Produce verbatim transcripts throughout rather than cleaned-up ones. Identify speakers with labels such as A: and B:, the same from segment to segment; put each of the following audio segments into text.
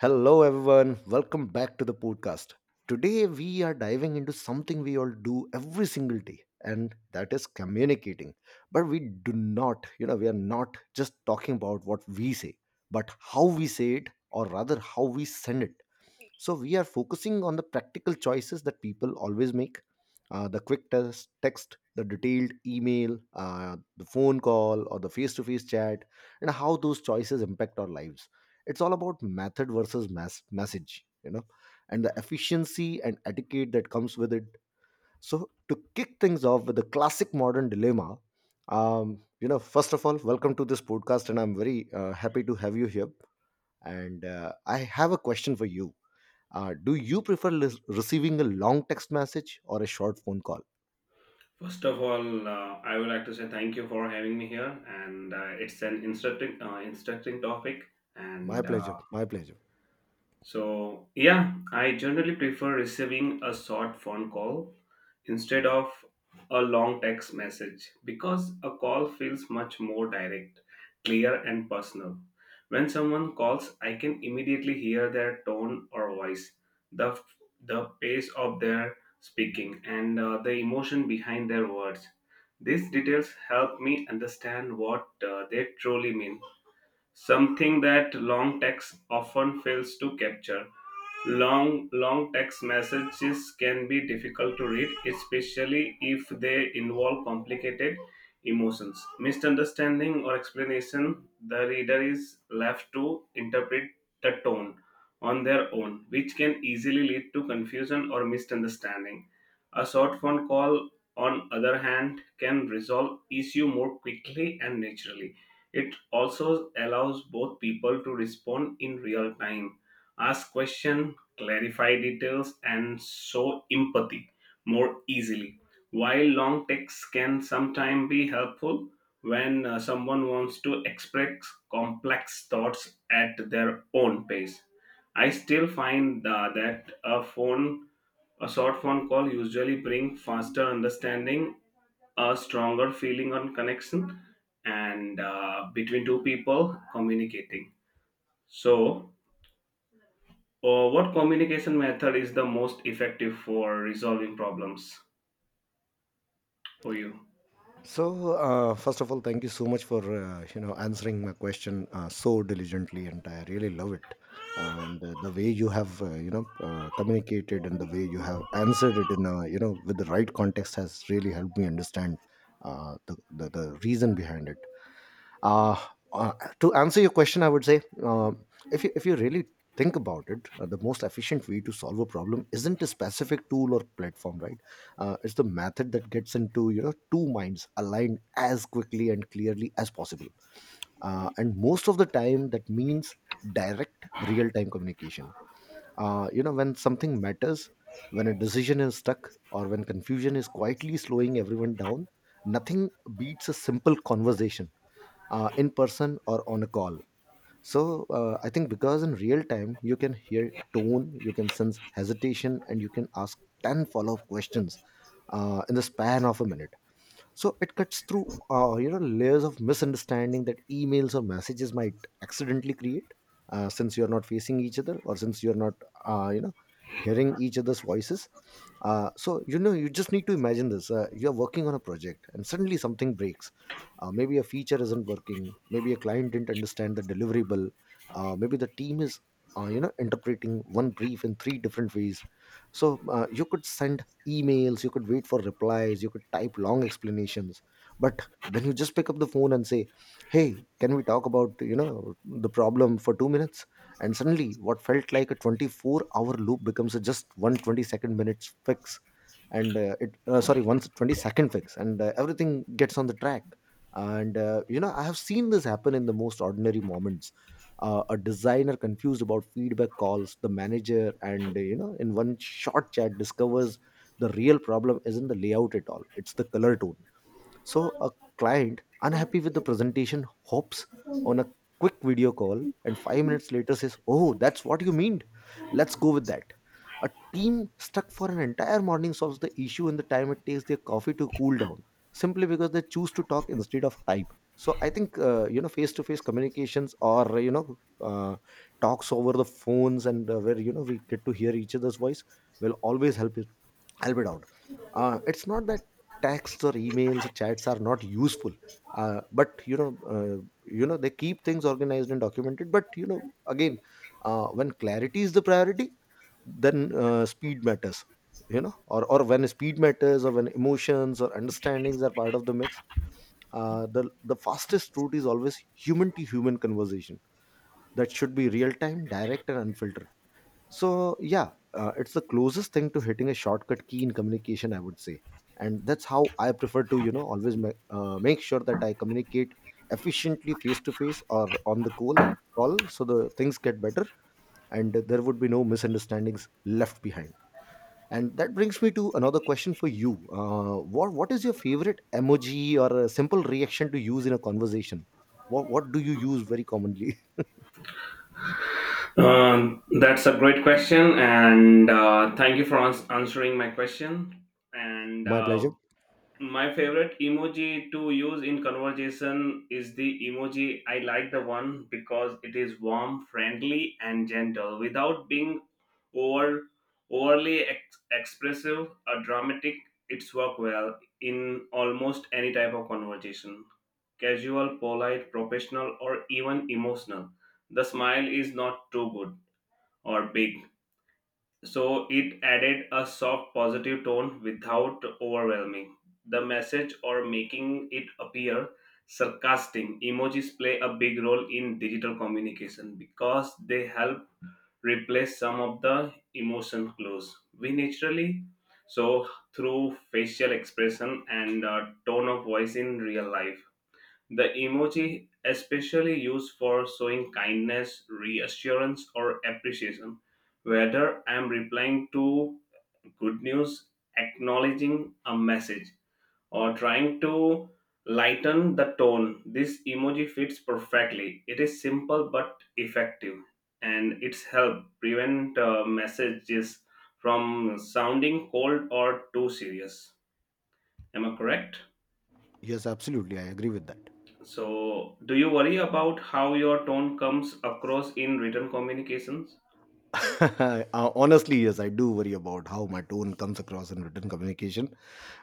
A: Hello, everyone. Welcome back to the podcast. Today, we are diving into something we all do every single day, and that is communicating. But we do not, you know, we are not just talking about what we say, but how we say it, or rather, how we send it. So we are focusing on the practical choices that people always make. Uh, the quick test, text, the detailed email, uh, the phone call, or the face to face chat, and how those choices impact our lives. It's all about method versus mass- message, you know, and the efficiency and etiquette that comes with it. So, to kick things off with the classic modern dilemma, um, you know, first of all, welcome to this podcast, and I'm very uh, happy to have you here. And uh, I have a question for you. Uh, do you prefer lis- receiving a long text message or a short phone call?
B: First of all, uh, I would like to say thank you for having me here, and uh, it's an instructing, uh, instructing topic,
A: My
B: and uh,
A: pleasure. My pleasure.
B: so, yeah, I generally prefer receiving a short phone call instead of a long text message because a call feels much more direct, clear, and personal. When someone calls, I can immediately hear their tone or voice, the, the pace of their speaking, and uh, the emotion behind their words. These details help me understand what uh, they truly mean, something that long text often fails to capture. Long long text messages can be difficult to read, especially if they involve complicated emotions, misunderstanding or explanation. The reader is left to interpret the tone on their own, which can easily lead to confusion or misunderstanding. A short phone call, on other hand, can resolve issue more quickly and naturally. It also allows both people to respond in real time, ask questions, clarify details, and show empathy more easily. While long texts can sometimes be helpful when uh, someone wants to express complex thoughts at their own pace, I still find uh, that a phone a short phone call usually brings faster understanding, a stronger feeling on connection, and uh, between two people communicating. So, uh, what communication method is the most effective for resolving problems for you?
A: So, uh, first of all, thank you so much for uh, you know answering my question uh, so diligently, and I really love it. And uh, the way you have uh, you know uh, communicated and the way you have answered it in a, you know with the right context has really helped me understand uh, the, the the reason behind it. Uh, uh, to answer your question, I would say, um if you if you really think about it, uh, the most efficient way to solve a problem isn't a specific tool or platform, right? Uh, it's the method that gets into, you know, two minds aligned as quickly and clearly as possible. Uh, and most of the time that means direct real-time communication. Uh, you know, when something matters, when a decision is stuck, or when confusion is quietly slowing everyone down, nothing beats a simple conversation, uh, in person or on a call. So uh, I think because in real time you can hear tone, you can sense hesitation, and you can ask ten follow-up questions uh, in the span of a minute. So it cuts through, uh, you know layers of misunderstanding that emails or messages might accidentally create, uh, since you are not facing each other, or since you are not uh, you know hearing each other's voices. Uh, so, you know, you just need to imagine this. Uh, you're working on a project and suddenly something breaks. Uh, maybe a feature isn't working, maybe a client didn't understand the deliverable, uh, maybe the team is uh, you know interpreting one brief in three different ways. So uh, you could send emails, you could wait for replies, you could type long explanations, but then you just pick up the phone and say, hey, can we talk about, you know, the problem for two minutes? And suddenly what felt like a twenty-four hour loop becomes a just one twenty second minutes fix. And uh, it uh, sorry, once twenty second fix, and uh, everything gets on the track. And uh, you know, I have seen this happen in the most ordinary moments. Uh, a designer confused about feedback calls the manager, and uh, you know, in one short chat discovers the real problem isn't the layout at all, it's the color tone. So a client unhappy with the presentation hops on a quick video call, and five minutes later says, oh, that's what you meant, let's go with that. A team stuck for an entire morning solves the issue in the time it takes their coffee to cool down, simply because they choose to talk instead of type. So I think, uh, you know face to face communications, or you know uh, talks over the phones, and uh, where you know we get to hear each other's voice will always help. I'll be down. Uh, it's not that texts or emails, chats are not useful, uh, but you know, uh, you know, they keep things organized and documented. But you know, again, uh, when clarity is the priority, then uh, speed matters. You know, or or when speed matters, or when emotions or understandings are part of the mix, uh, the the fastest route is always human to human conversation. That should be real time, direct, and unfiltered. So yeah, uh, it's the closest thing to hitting a shortcut key in communication, I would say, and that's how I prefer to, you know, always ma- uh, make sure that I communicate efficiently face to face or on the call call, so the things get better and there would be no misunderstandings left behind. And that brings me to another question for you. Uh, what what is your favorite emoji or a simple reaction to use in a conversation? What what do you use very commonly?
B: Um, that's a great question, and uh, thank you for ans- answering my question. And
A: My
B: uh,
A: pleasure.
B: My favorite emoji to use in conversation is the emoji. I like the one because it is warm, friendly, and gentle without being over overly ex- expressive or dramatic. It's work well in almost any type of conversation. Casual, polite, professional, or even emotional. The smile is not too good or big, so it added a soft positive tone without overwhelming the message or making it appear sarcastic. Emojis play a big role in digital communication because they help replace some of the emotion clues we naturally, so through facial expression and uh, tone of voice in real life, the emoji especially used for showing kindness, reassurance or appreciation. Whether I'm replying to good news, acknowledging a message or trying to lighten the tone, this emoji fits perfectly. It is simple but effective, and it's help prevent uh, messages from sounding cold or too serious. Am I correct?
A: Yes, absolutely, I agree with that.
B: So, do you worry about how your tone comes across in written communications?
A: Uh, Honestly, yes, I do worry about how my tone comes across in written communication.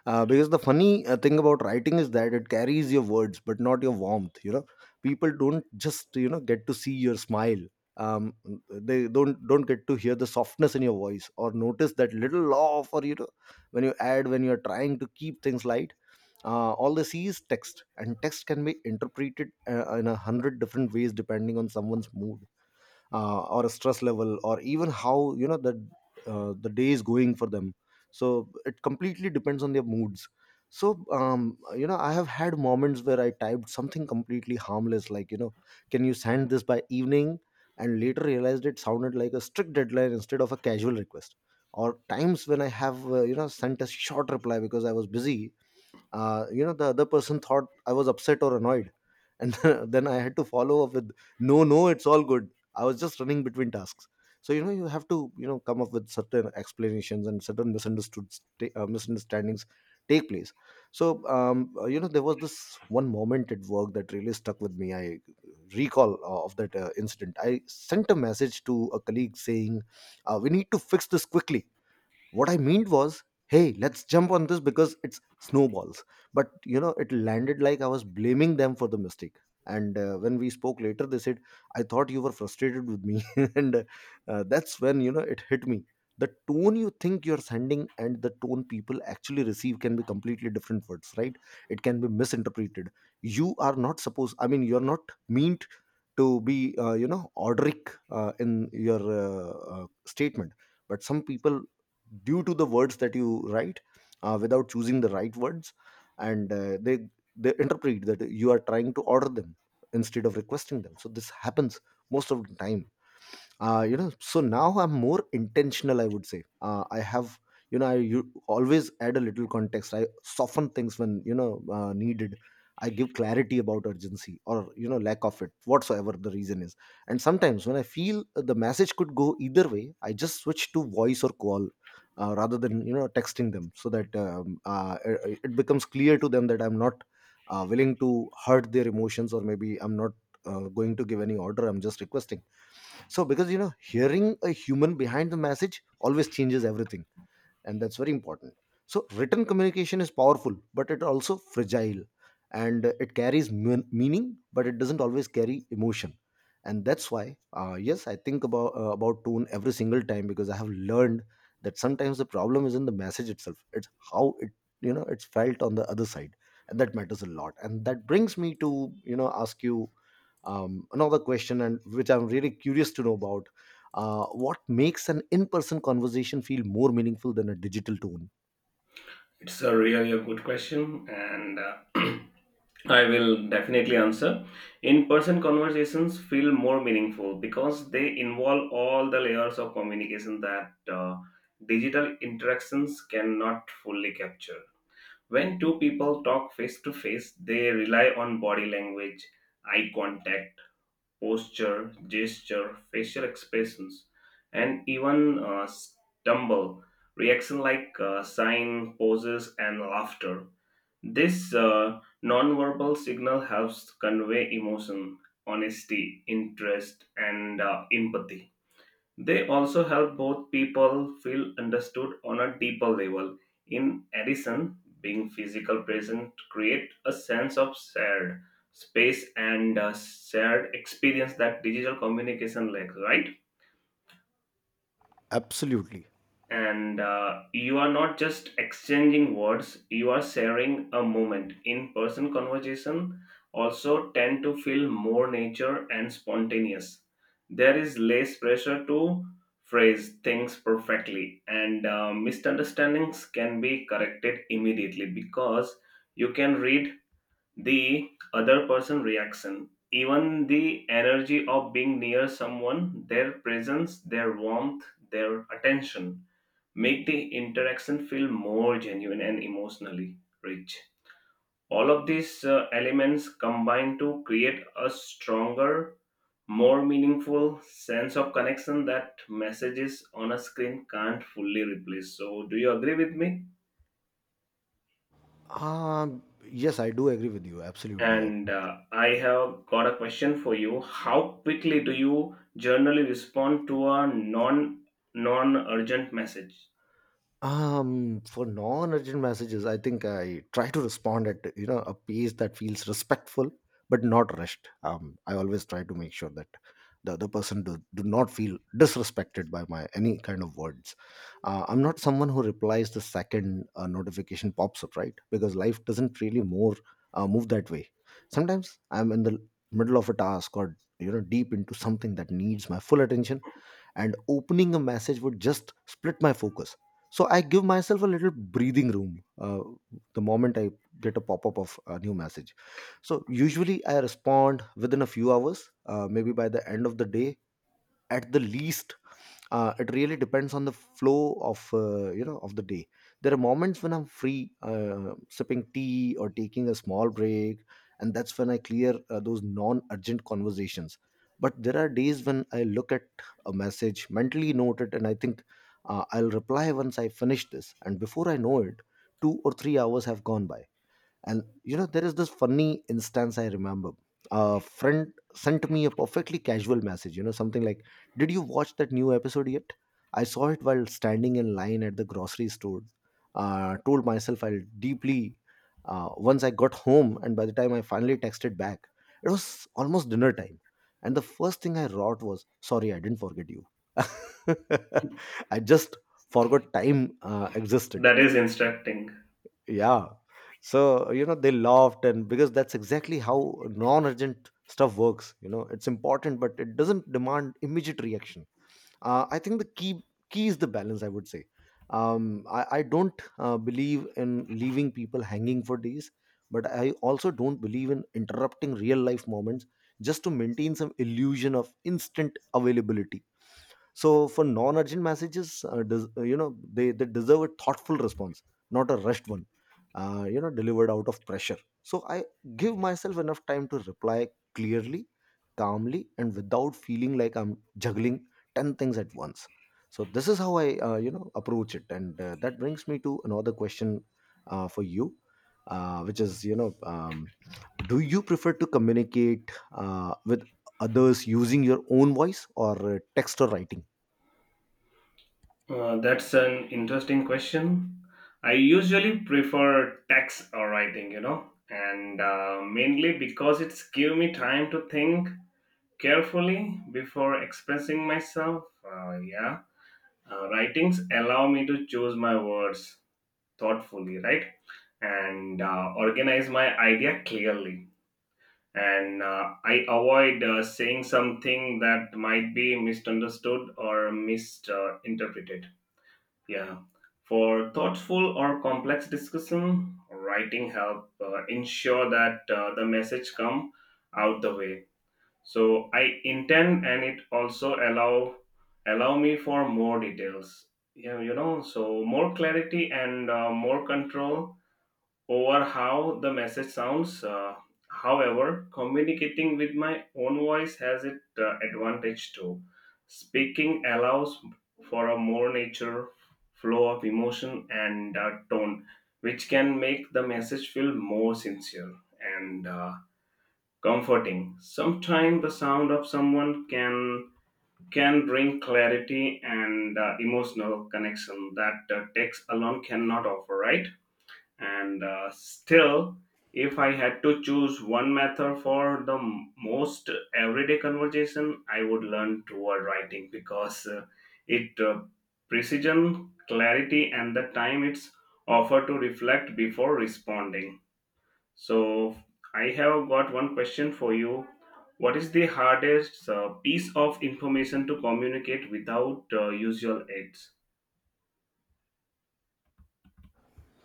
A: Uh, because the funny uh, thing about writing is that it carries your words, but not your warmth. You know, people don't just, you know, get to see your smile. Um, they don't don't get to hear the softness in your voice, or notice that little laugh, or you know, when you add when you're trying to keep things light. Uh, all they see is text, and text can be interpreted uh, in a hundred different ways depending on someone's mood, uh, or a stress level, or even how, you know, the uh, the day is going for them. So it completely depends on their moods. So um, you know, I have had moments where I typed something completely harmless, like, you know, can you send this by evening, and later realized it sounded like a strict deadline instead of a casual request. Or times when I have uh, you know, sent a short reply because I was busy, uh, you know, the other person thought I was upset or annoyed, and then I had to follow up with, no, no, it's all good, I was just running between tasks. So you know, you have to, you know, come up with certain explanations, and certain misunderstood sta- uh, misunderstandings take place. So um, uh, you know, there was this one moment at work that really stuck with me. I recall uh, of that uh, incident. I sent a message to a colleague saying, uh, we need to fix this quickly. What I meant was, hey, let's jump on this because it's snowballs. But you know, it landed like I was blaming them for the mistake. And uh, when we spoke later, they said, I thought you were frustrated with me. and uh, uh, That's when, you know, it hit me. The tone you think you're sending and the tone people actually receive can be completely different words, right? It can be misinterpreted. You are not supposed, I mean, you're not meant to be, uh, you know, orderic uh, in your uh, uh, statement. But some people, due to the words that you write uh, without choosing the right words, and uh, they they interpret that you are trying to order them instead of requesting them. So this happens most of the time. Uh, you know, so now I'm more intentional, I would say. uh, I have, you know, I you always add a little context, I soften things when, you know, uh, needed. I give clarity about urgency, or you know, lack of it, whatsoever the reason is. And sometimes when I feel the message could go either way, I just switch to voice or call, uh, rather than, you know, texting them, so that um, uh, it it becomes clear to them that I'm not uh, willing to hurt their emotions, or maybe I'm not uh, going to give any order, I'm just requesting. So because, you know, hearing a human behind the message always changes everything, and that's very important. So written communication is powerful, but it also fragile, and it carries mean- meaning, but it doesn't always carry emotion. And that's why uh, yes, I think about uh, about tone every single time, because I have learned that sometimes the problem is in the message itself, it's how it, you know, it's felt on the other side, and that matters a lot. And that brings me to, you know, ask you um, another question, and which I'm really curious to know about. Uh, what makes an in person conversation feel more meaningful than a digital tone?
B: It's a really a good question, and uh, I will definitely answer. In person conversations feel more meaningful because they involve all the layers of communication that uh, digital interactions cannot fully capture. When two people talk face to face, they rely on body language, eye contact, posture, gesture, facial expressions, and even uh, stumble reaction like uh, sign, poses, and laughter. This uh, nonverbal signal helps convey emotion, honesty, interest, and uh, empathy. They also help both people feel understood on a deeper level. In addition, being physical present create a sense of shared space and uh, shared experience that digital communication lacks, right?
A: Absolutely.
B: and uh, you are not just exchanging words, you are sharing a moment. In person conversation also tend to feel more nature and spontaneous. There is less pressure to phrase things perfectly, and uh, misunderstandings can be corrected immediately because you can read the other person reaction. Even the energy of being near someone, their presence, their warmth, their attention, make the interaction feel more genuine and emotionally rich. All of these uh, elements combine to create a stronger, more meaningful sense of connection that messages on a screen can't fully replace. So, do you agree with me?
A: Um, yes, I do agree with you. Absolutely. I
B: And uh, I have got a question for you. How quickly do you generally respond to a non non urgent message?
A: Um, for non-urgent messages, I think I try to respond at, you know, a pace that feels respectful but not rushed. Um, I always try to make sure that the other person do, do not feel disrespected by my any kind of words. Uh, I'm not someone who replies the second a notification pops up, right? Because life doesn't really more uh, move that way. Sometimes I'm in the middle of a task or you know deep into something that needs my full attention, and opening a message would just split my focus. So I give myself a little breathing room uh, the moment I get a pop-up of a new message. So usually I respond within a few hours, uh, maybe by the end of the day at the least. Uh, it really depends on the flow of, uh, you know of the day. There are moments when I'm free, uh, sipping tea or taking a small break, and that's when I clear uh, those non urgent conversations. But there are days when I look at a message, mentally note it, and I think, uh, I'll reply once I finish this, and before I know it, two or three hours have gone by. And you know, there is this funny instance I remember. A friend sent me a perfectly casual message, you know, something like, "Did you watch that new episode yet?" I saw it while standing in line at the grocery store. Uh, told myself I'll deeply uh, once I got home, and by the time I finally texted back, it was almost dinner time. And the first thing I wrote was, "Sorry, I didn't forget you." I just forgot time uh, existed.
B: That is instructing?
A: Yeah. So you know they laughed and because that's exactly how non-urgent stuff works, you know it's important but it doesn't demand immediate reaction. uh, I think the key key is the balance, I would say. um, I, I don't uh, believe in leaving people hanging for days, but I also don't believe in interrupting real life moments just to maintain some illusion of instant availability. So for non-urgent messages, uh, des- uh, you know they, they deserve a thoughtful response, not a rushed one, uh, you know delivered out of pressure. So I give myself enough time to reply, clearly, calmly, and without feeling like I'm juggling ten things at once. So this is how I uh, you know approach it. And uh, that brings me to another question uh, for you, uh, which is, you know um, do you prefer to communicate uh, with others using your own voice or uh, text or writing?
B: Uh, that's an interesting question. I usually prefer text or writing, you know, and uh, mainly because it's give me time to think carefully before expressing myself. Uh, yeah, uh, writings allow me to choose my words thoughtfully, right? and uh, organize my idea clearly. And uh, I avoid uh, saying something that might be misunderstood or misinterpreted. Yeah. For thoughtful or complex discussion, writing help uh, ensure that uh, the message come out the way. So I intend, and it also allow allow me for more details. Yeah, you know, so more clarity and uh, more control over how the message sounds. Uh, however, communicating with my own voice has its uh, advantage too. Speaking allows for a more nature flow of emotion and uh, tone, which can make the message feel more sincere and uh, comforting. Sometimes the sound of someone can can bring clarity and uh, emotional connection that uh, text alone cannot offer. Right. And uh, still, if I had to choose one method for the m- most everyday conversation, I would learn toward writing because uh, it uh, precision, clarity and the time it's offered to reflect before responding. So I have got one question for you: what is the hardest uh, piece of information to communicate without uh, usual aids?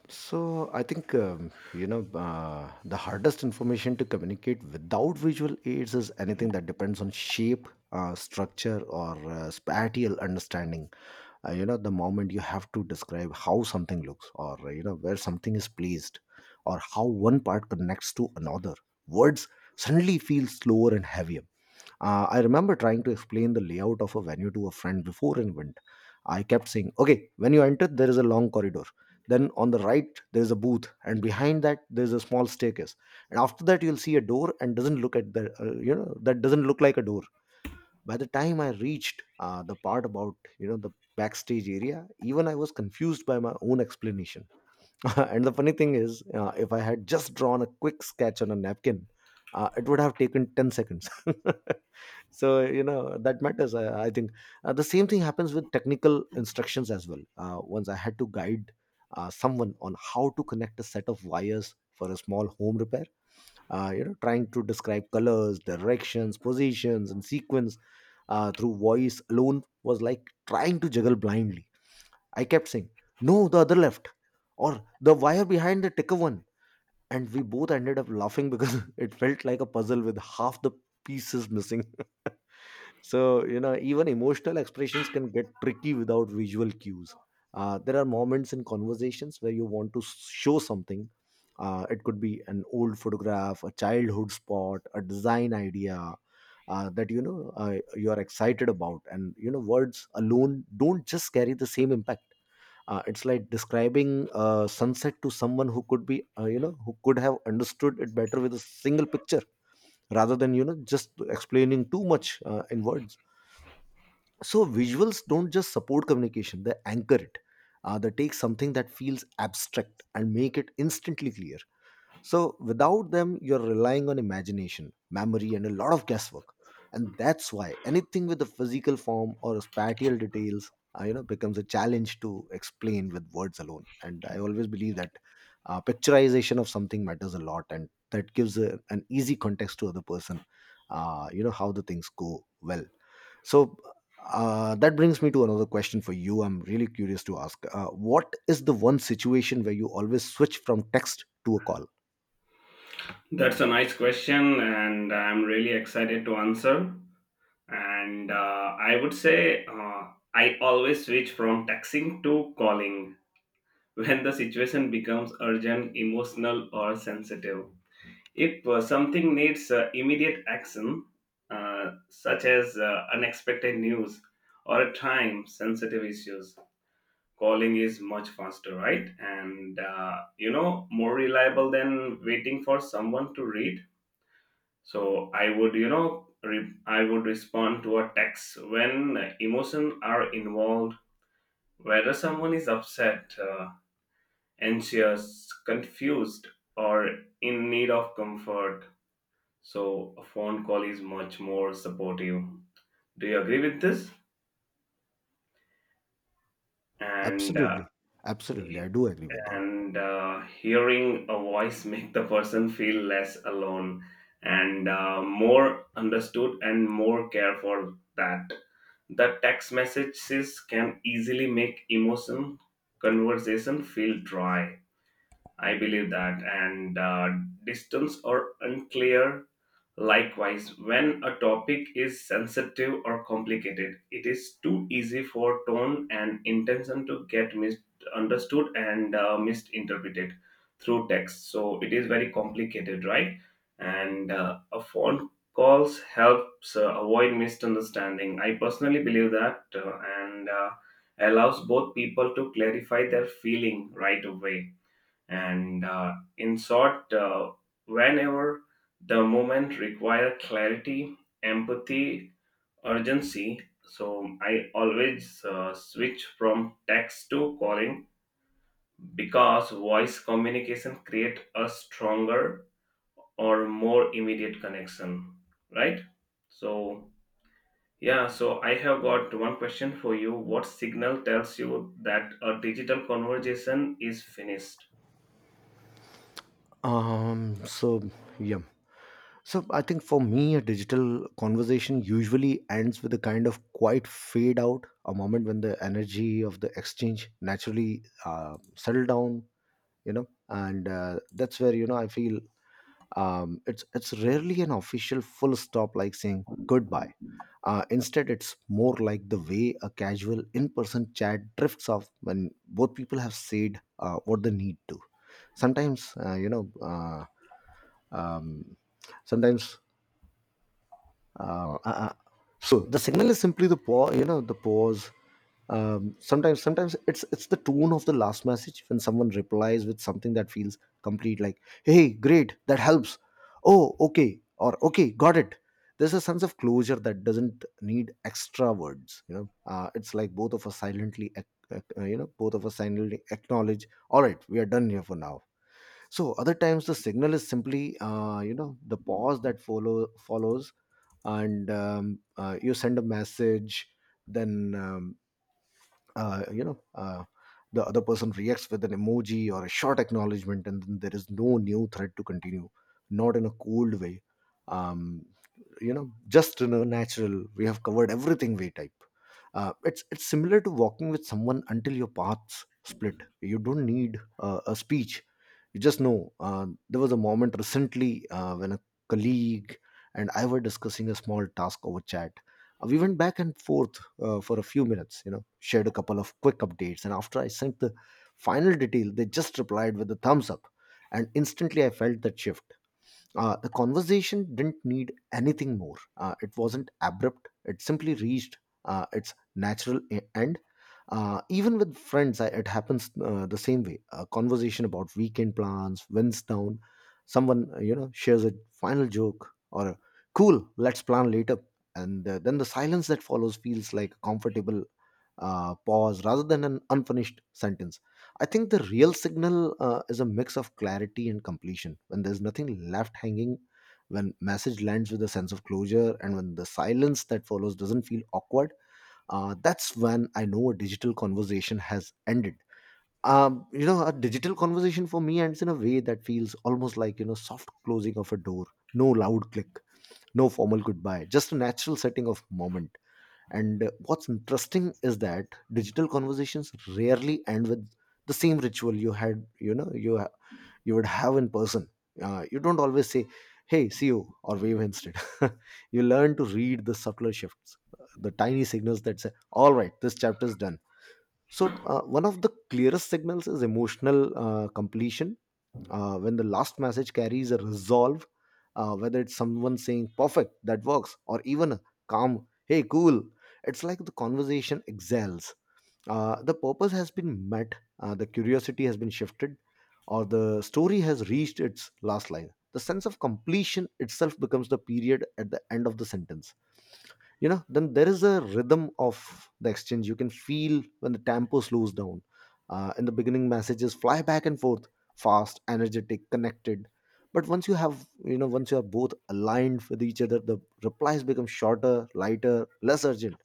A: So I think, um, you know uh, the hardest information to communicate without visual aids is anything that depends on shape, uh, structure, or uh, spatial understanding. Uh, you know, the moment you have to describe how something looks, or uh, you know where something is placed, or how one part connects to another, words suddenly feel slower and heavier. Uh, I remember trying to explain the layout of a venue to a friend before an event. I kept saying, okay, when you enter, there is a long corridor. Then on the right, there is a booth, and behind that, there is a small staircase. And after that, you'll see a door, and doesn't look at the, uh, you know, that doesn't look like a door. By the time I reached uh, the part about, you know, the backstage area, even I was confused by my own explanation. And the funny thing is, uh, if I had just drawn a quick sketch on a napkin, uh, it would have taken ten seconds. So you know that matters, i, I think. Uh, the same thing happens with technical instructions as well. Uh, once I had to guide uh, someone on how to connect a set of wires for a small home repair. Uh, you know trying to describe colors, directions, positions and sequence uh, through voice alone was like trying to juggle blindly. I kept saying, "No, the other left," or "the wire behind the thicker one," and we both ended up laughing because it felt like a puzzle with half the pieces missing. So, you know, even emotional expressions can get tricky without visual cues. Uh, there are moments in conversations where you want to s- show something. Uh, it could be an old photograph, a childhood spot, a design idea uh, that you know uh, you are excited about. And you know, words alone don't just carry the same impact. Uh, it's like describing a sunset to someone who could be, uh, you know, who could have understood it better with a single picture rather than you know just explaining too much uh, in words. So visuals don't just support communication, they anchor it. Uh, they take something that feels abstract and make it instantly clear. So without them, you're relying on imagination, memory, and a lot of guesswork. And that's why anything with a physical form or spatial details, uh, you know, becomes a challenge to explain with words alone. And I always believe that uh, picturization of something matters a lot, and that gives a, an easy context to other person. Uh, you know how the things go well. So uh, that brings me to another question for you. I'm really curious to ask. Uh, what is the one situation where you always switch from text to a call?
B: That's a nice question, and I'm really excited to answer. And uh, i would say uh, I always switch from texting to calling when the situation becomes urgent, emotional or sensitive. If uh, something needs uh, immediate action, uh, such as uh, unexpected news or a time sensitive issues, calling is much faster, right? And uh, you know, more reliable than waiting for someone to read. So I would, you know, re- I would respond to a text when emotions are involved, whether someone is upset, uh, anxious, confused, or in need of comfort. So a phone call is much more supportive. Do you agree with this? And uh,
A: Absolutely. Absolutely, I do agree with that.
B: and uh, hearing a voice make the person feel less alone, and uh, more understood and more care for that. The text messages can easily make emotion conversation feel dry, I believe that, and uh, distance or unclear. Likewise, when a topic is sensitive or complicated, it is too easy for tone and intention to get misunderstood and uh, misinterpreted through text. So it is very complicated, right? And uh, A phone calls helps uh, avoid misunderstanding. I personally believe that uh, and uh, allows both people to clarify their feeling right away, and uh, in short, uh, whenever the moment require clarity, empathy, urgency, so I always uh, switch from text to calling because voice communication create a stronger or more immediate connection, right. So, yeah, so I have got one question for you: what signal tells you that a digital conversation is finished?
A: Um, so, yeah. So, I think for me, a digital conversation usually ends with a kind of quiet fade out, a moment when the energy of the exchange naturally uh, settle down, you know, and uh, that's where, you know, I feel um, it's, it's rarely an official full stop like saying goodbye. Uh, instead, it's more like the way a casual in person chat drifts off when both people have said uh, what they need to. Sometimes uh, you know uh, um, sometimes uh, uh, uh, so the signal is simply the pause, you know the pause. Um, sometimes sometimes it's it's the tone of the last message, when someone replies with something that feels complete, like "Hey, great, that helps," "Oh, okay," or "Okay, got it." There's a sense of closure that doesn't need extra words. You know uh, it's like both of us silently ac- ac- uh, you know both of us silently acknowledge, "All right, we are done here for now." So other times the signal is simply uh, you know the pause that follow follows. And um, uh, you send a message, then um, uh, you know uh, the other person reacts with an emoji or a short acknowledgement, and then there is no new thread to continue, not in a cold way, um, you know just in a natural "we have covered everything" way type. uh, it's it's similar to walking with someone until your paths split. You don't need uh, a speech. You just know. Uh, there was a moment recently uh, when a colleague and I were discussing a small task over chat. Uh, we went back and forth uh, for a few minutes, you know, shared a couple of quick updates. And after I sent the final detail, they just replied with a thumbs up. And instantly I felt that shift. Uh, the conversation didn't need anything more. Uh, it wasn't abrupt. It simply reached uh, its natural e- end. Uh, even with friends, I, it happens uh, the same way. A conversation about weekend plans winds down. Someone uh, you know shares a final joke or a, "Cool, let's plan later." And uh, then the silence that follows feels like a comfortable uh, pause rather than an unfinished sentence. I think the real signal uh, is a mix of clarity and completion. When there's nothing left hanging, when message lands with a sense of closure, and when the silence that follows doesn't feel awkward, uh, that's when I know a digital conversation has ended. Um, you know, a digital conversation for me ends in a way that feels almost like you know soft closing of a door, no loud click, no formal goodbye, just a natural setting of moment. And uh, what's interesting is that digital conversations rarely end with the same ritual you had, you know, you ha- you would have in person. Uh, you don't always say, "Hey, see you," or wave instead. You learn to read the subtler shifts, uh, the tiny signals that say, "All right, this chapter is done." So, uh, one of the clearest signals is emotional uh, completion, uh, when the last message carries a resolve, uh, whether it's someone saying, "Perfect, that works," or even a calm, "Hey, cool," it's like the conversation excels. Uh, the purpose has been met, uh, the curiosity has been shifted, or the story has reached its last line. The sense of completion itself becomes the period at the end of the sentence you know Then there is a rhythm of the exchange you can feel when the tempo slows down. Uh, in the beginning messages fly back and forth, fast, energetic, connected. But once you have, you know once you are both aligned with each other, the replies become shorter, lighter, less urgent.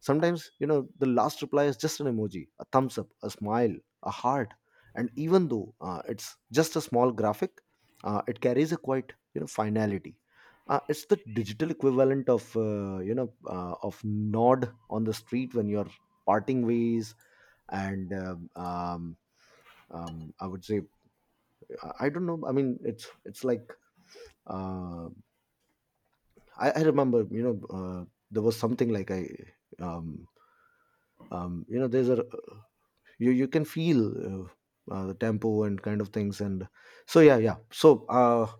A: Sometimes, you know, the last reply is just an emoji, a thumbs up, a smile, a heart. And even though uh, it's just a small graphic, uh, it carries a quite, you know, finality. Uh, it's the digital equivalent of, uh, you know, uh, of nod on the street when you're parting ways. And um, um, um, I would say, I I don't know. I mean, it's it's like, uh, I, I remember, you know, uh, there was something like I, um, um, you know, there's a, you you can feel uh, uh, the tempo and kind of things. And so, yeah yeah so uh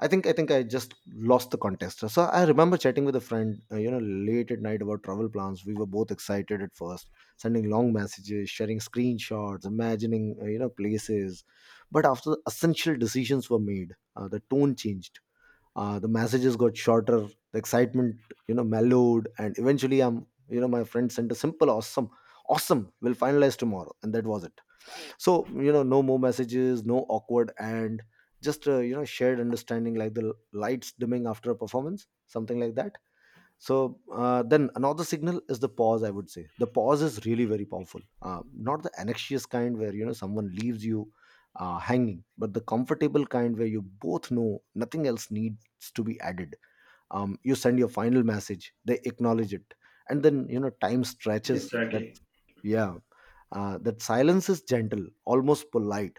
A: I think i think I just lost the contest. So I remember chatting with a friend, uh, you know late at night about travel plans. We were both excited at first, sending long messages, sharing screenshots, imagining, uh, you know places. But after the essential decisions were made, uh, the tone changed. Uh, the messages got shorter, the excitement, you know mellowed, and eventually I'm you know my friend sent a simple, "Awesome, awesome, we'll finalize tomorrow," and that was it. So, you know no more messages, no awkward and just, uh, you know shared understanding, like the lights dimming after a performance, something like that. So, uh, then another signal is the pause. I would say the pause is really very powerful. Uh, not the anxious kind where, you know, someone leaves you uh, hanging, but the comfortable kind where you both know nothing else needs to be added. Um, you send your final message, they acknowledge it, and then, you know, time stretches that.
B: Exactly.
A: Yeah. Uh, that silence is gentle, almost polite.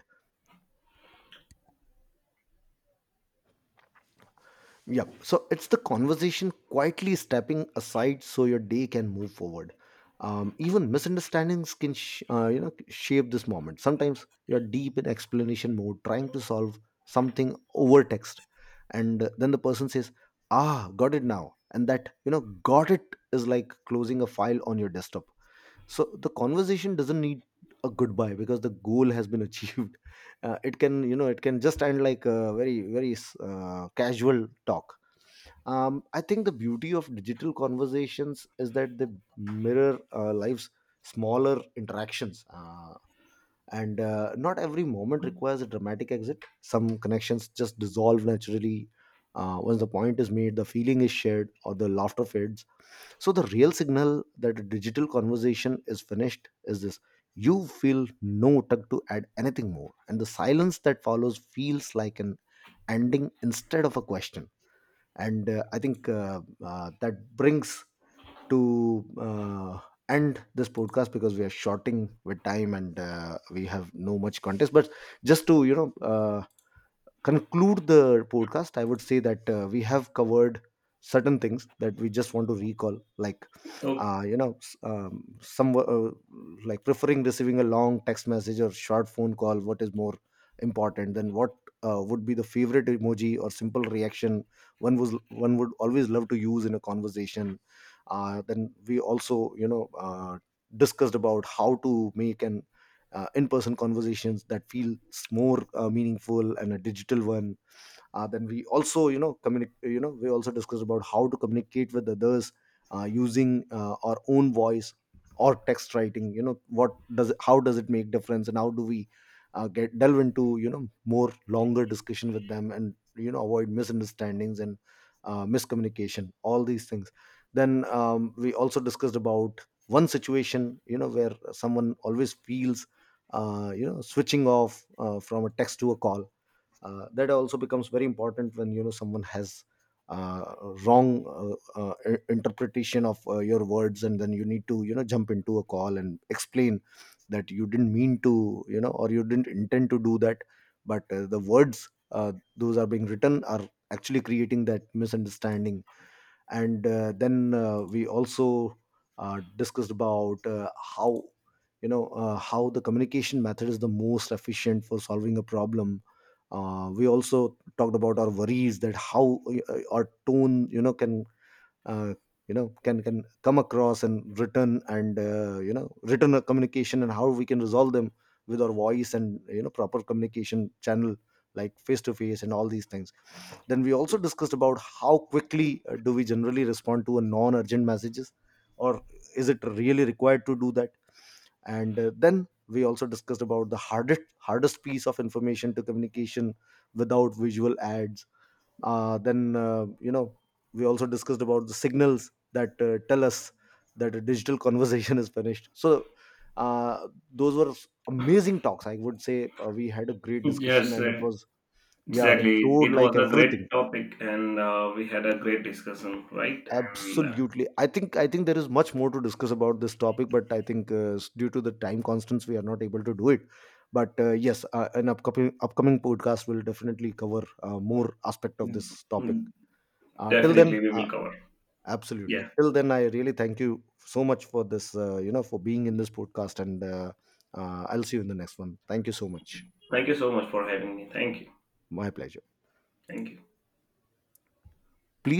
A: Yep. So it's the conversation quietly stepping aside so your day can move forward. Um, even misunderstandings can, sh- uh, you know, shape this moment. Sometimes you're deep in explanation mode, trying to solve something over text, and uh, then the person says, "Ah, got it now," and that, you know, "got it" is like closing a file on your desktop. So the conversation doesn't need a goodbye because the goal has been achieved. Uh, it can, you know, it can just end like a very, very uh, casual talk. um, I think the beauty of digital conversations is that they mirror uh, life's smaller interactions. Uh, and uh, Not every moment requires a dramatic exit. Some connections just dissolve naturally. Uh, once the point is made, the feeling is shared, or the laughter fades. So the real signal that a digital conversation is finished is this: you feel no tug to add anything more, and the silence that follows feels like an ending instead of a question. And uh, I think, uh, uh, that brings to uh, end this podcast, because we are shorting with time and uh, we have no much contest, but just to, you know, uh, conclude the podcast, I would say that uh, we have covered certain things that we just want to recall, like uh, you know, s- um, some, uh, like preferring receiving a long text message or short phone call. What is more important than what uh, would be the favorite emoji or simple reaction one was one would always love to use in a conversation. Uh, then we also, you know uh, discussed about how to make an uh, in-person conversations that feels more uh, meaningful and a digital one. Uh, then we also, you know communicate you know we also discussed about how to communicate with others uh, using uh, our own voice or text writing. You know, what does it, how does it make difference, and how do we uh, get delve into, you know, more longer discussion with them, and, you know, avoid misunderstandings and uh, miscommunication, all these things. Then um, we also discussed about one situation, you know, where someone always feels uh, you know switching off uh, from a text to a call. Uh, that also becomes very important when, you know, someone has uh, wrong uh, uh, i- interpretation of uh, your words, and then you need to, you know, jump into a call and explain that you didn't mean to, you know, or you didn't intend to do that, but uh, the words uh, those are being written are actually creating that misunderstanding. And uh, then uh, we also uh, discussed about uh, how, you know, uh, how the communication method is the most efficient for solving a problem. Uh, we also talked about our worries, that how uh, our tone, you know, can uh, you know can can come across and written, and uh, you know, written a communication, and how we can resolve them with our voice and, you know, proper communication channel, like face to face and all these things. Then we also discussed about how quickly uh, do we generally respond to a non-urgent messages, or is it really required to do that. And uh, then we also discussed about the hardest hardest piece of information to communication without visual ads. Uh, then uh, you know We also discussed about the signals that uh, tell us that a digital conversation is finished. So uh, those were amazing talks, I would say. Uh, we had a great discussion,
B: Yes,
A: and it
B: eh,
A: was, yeah, it
B: exactly.
A: flowed
B: It was
A: like
B: a
A: everything.
B: great topic, and uh, we had a great discussion, right? And uh,
A: Absolutely. I think I think there is much more to discuss about this topic, but I think uh, s- due to the time constraints, we are not able to do it. But uh, yes, uh, an upcoming upcoming podcast will definitely cover uh, more aspect of this topic.
B: mm,
A: Uh, till then,
B: definitely we
A: uh,
B: will cover.
A: absolutely.
B: Yeah.
A: Till then, I really thank you so much for this. Uh, you know, for being in this podcast, and uh, uh, I'll see you in the next one. Thank you so much.
B: Thank you so much for having me. Thank you.
A: My pleasure.
B: Thank you.
A: Please.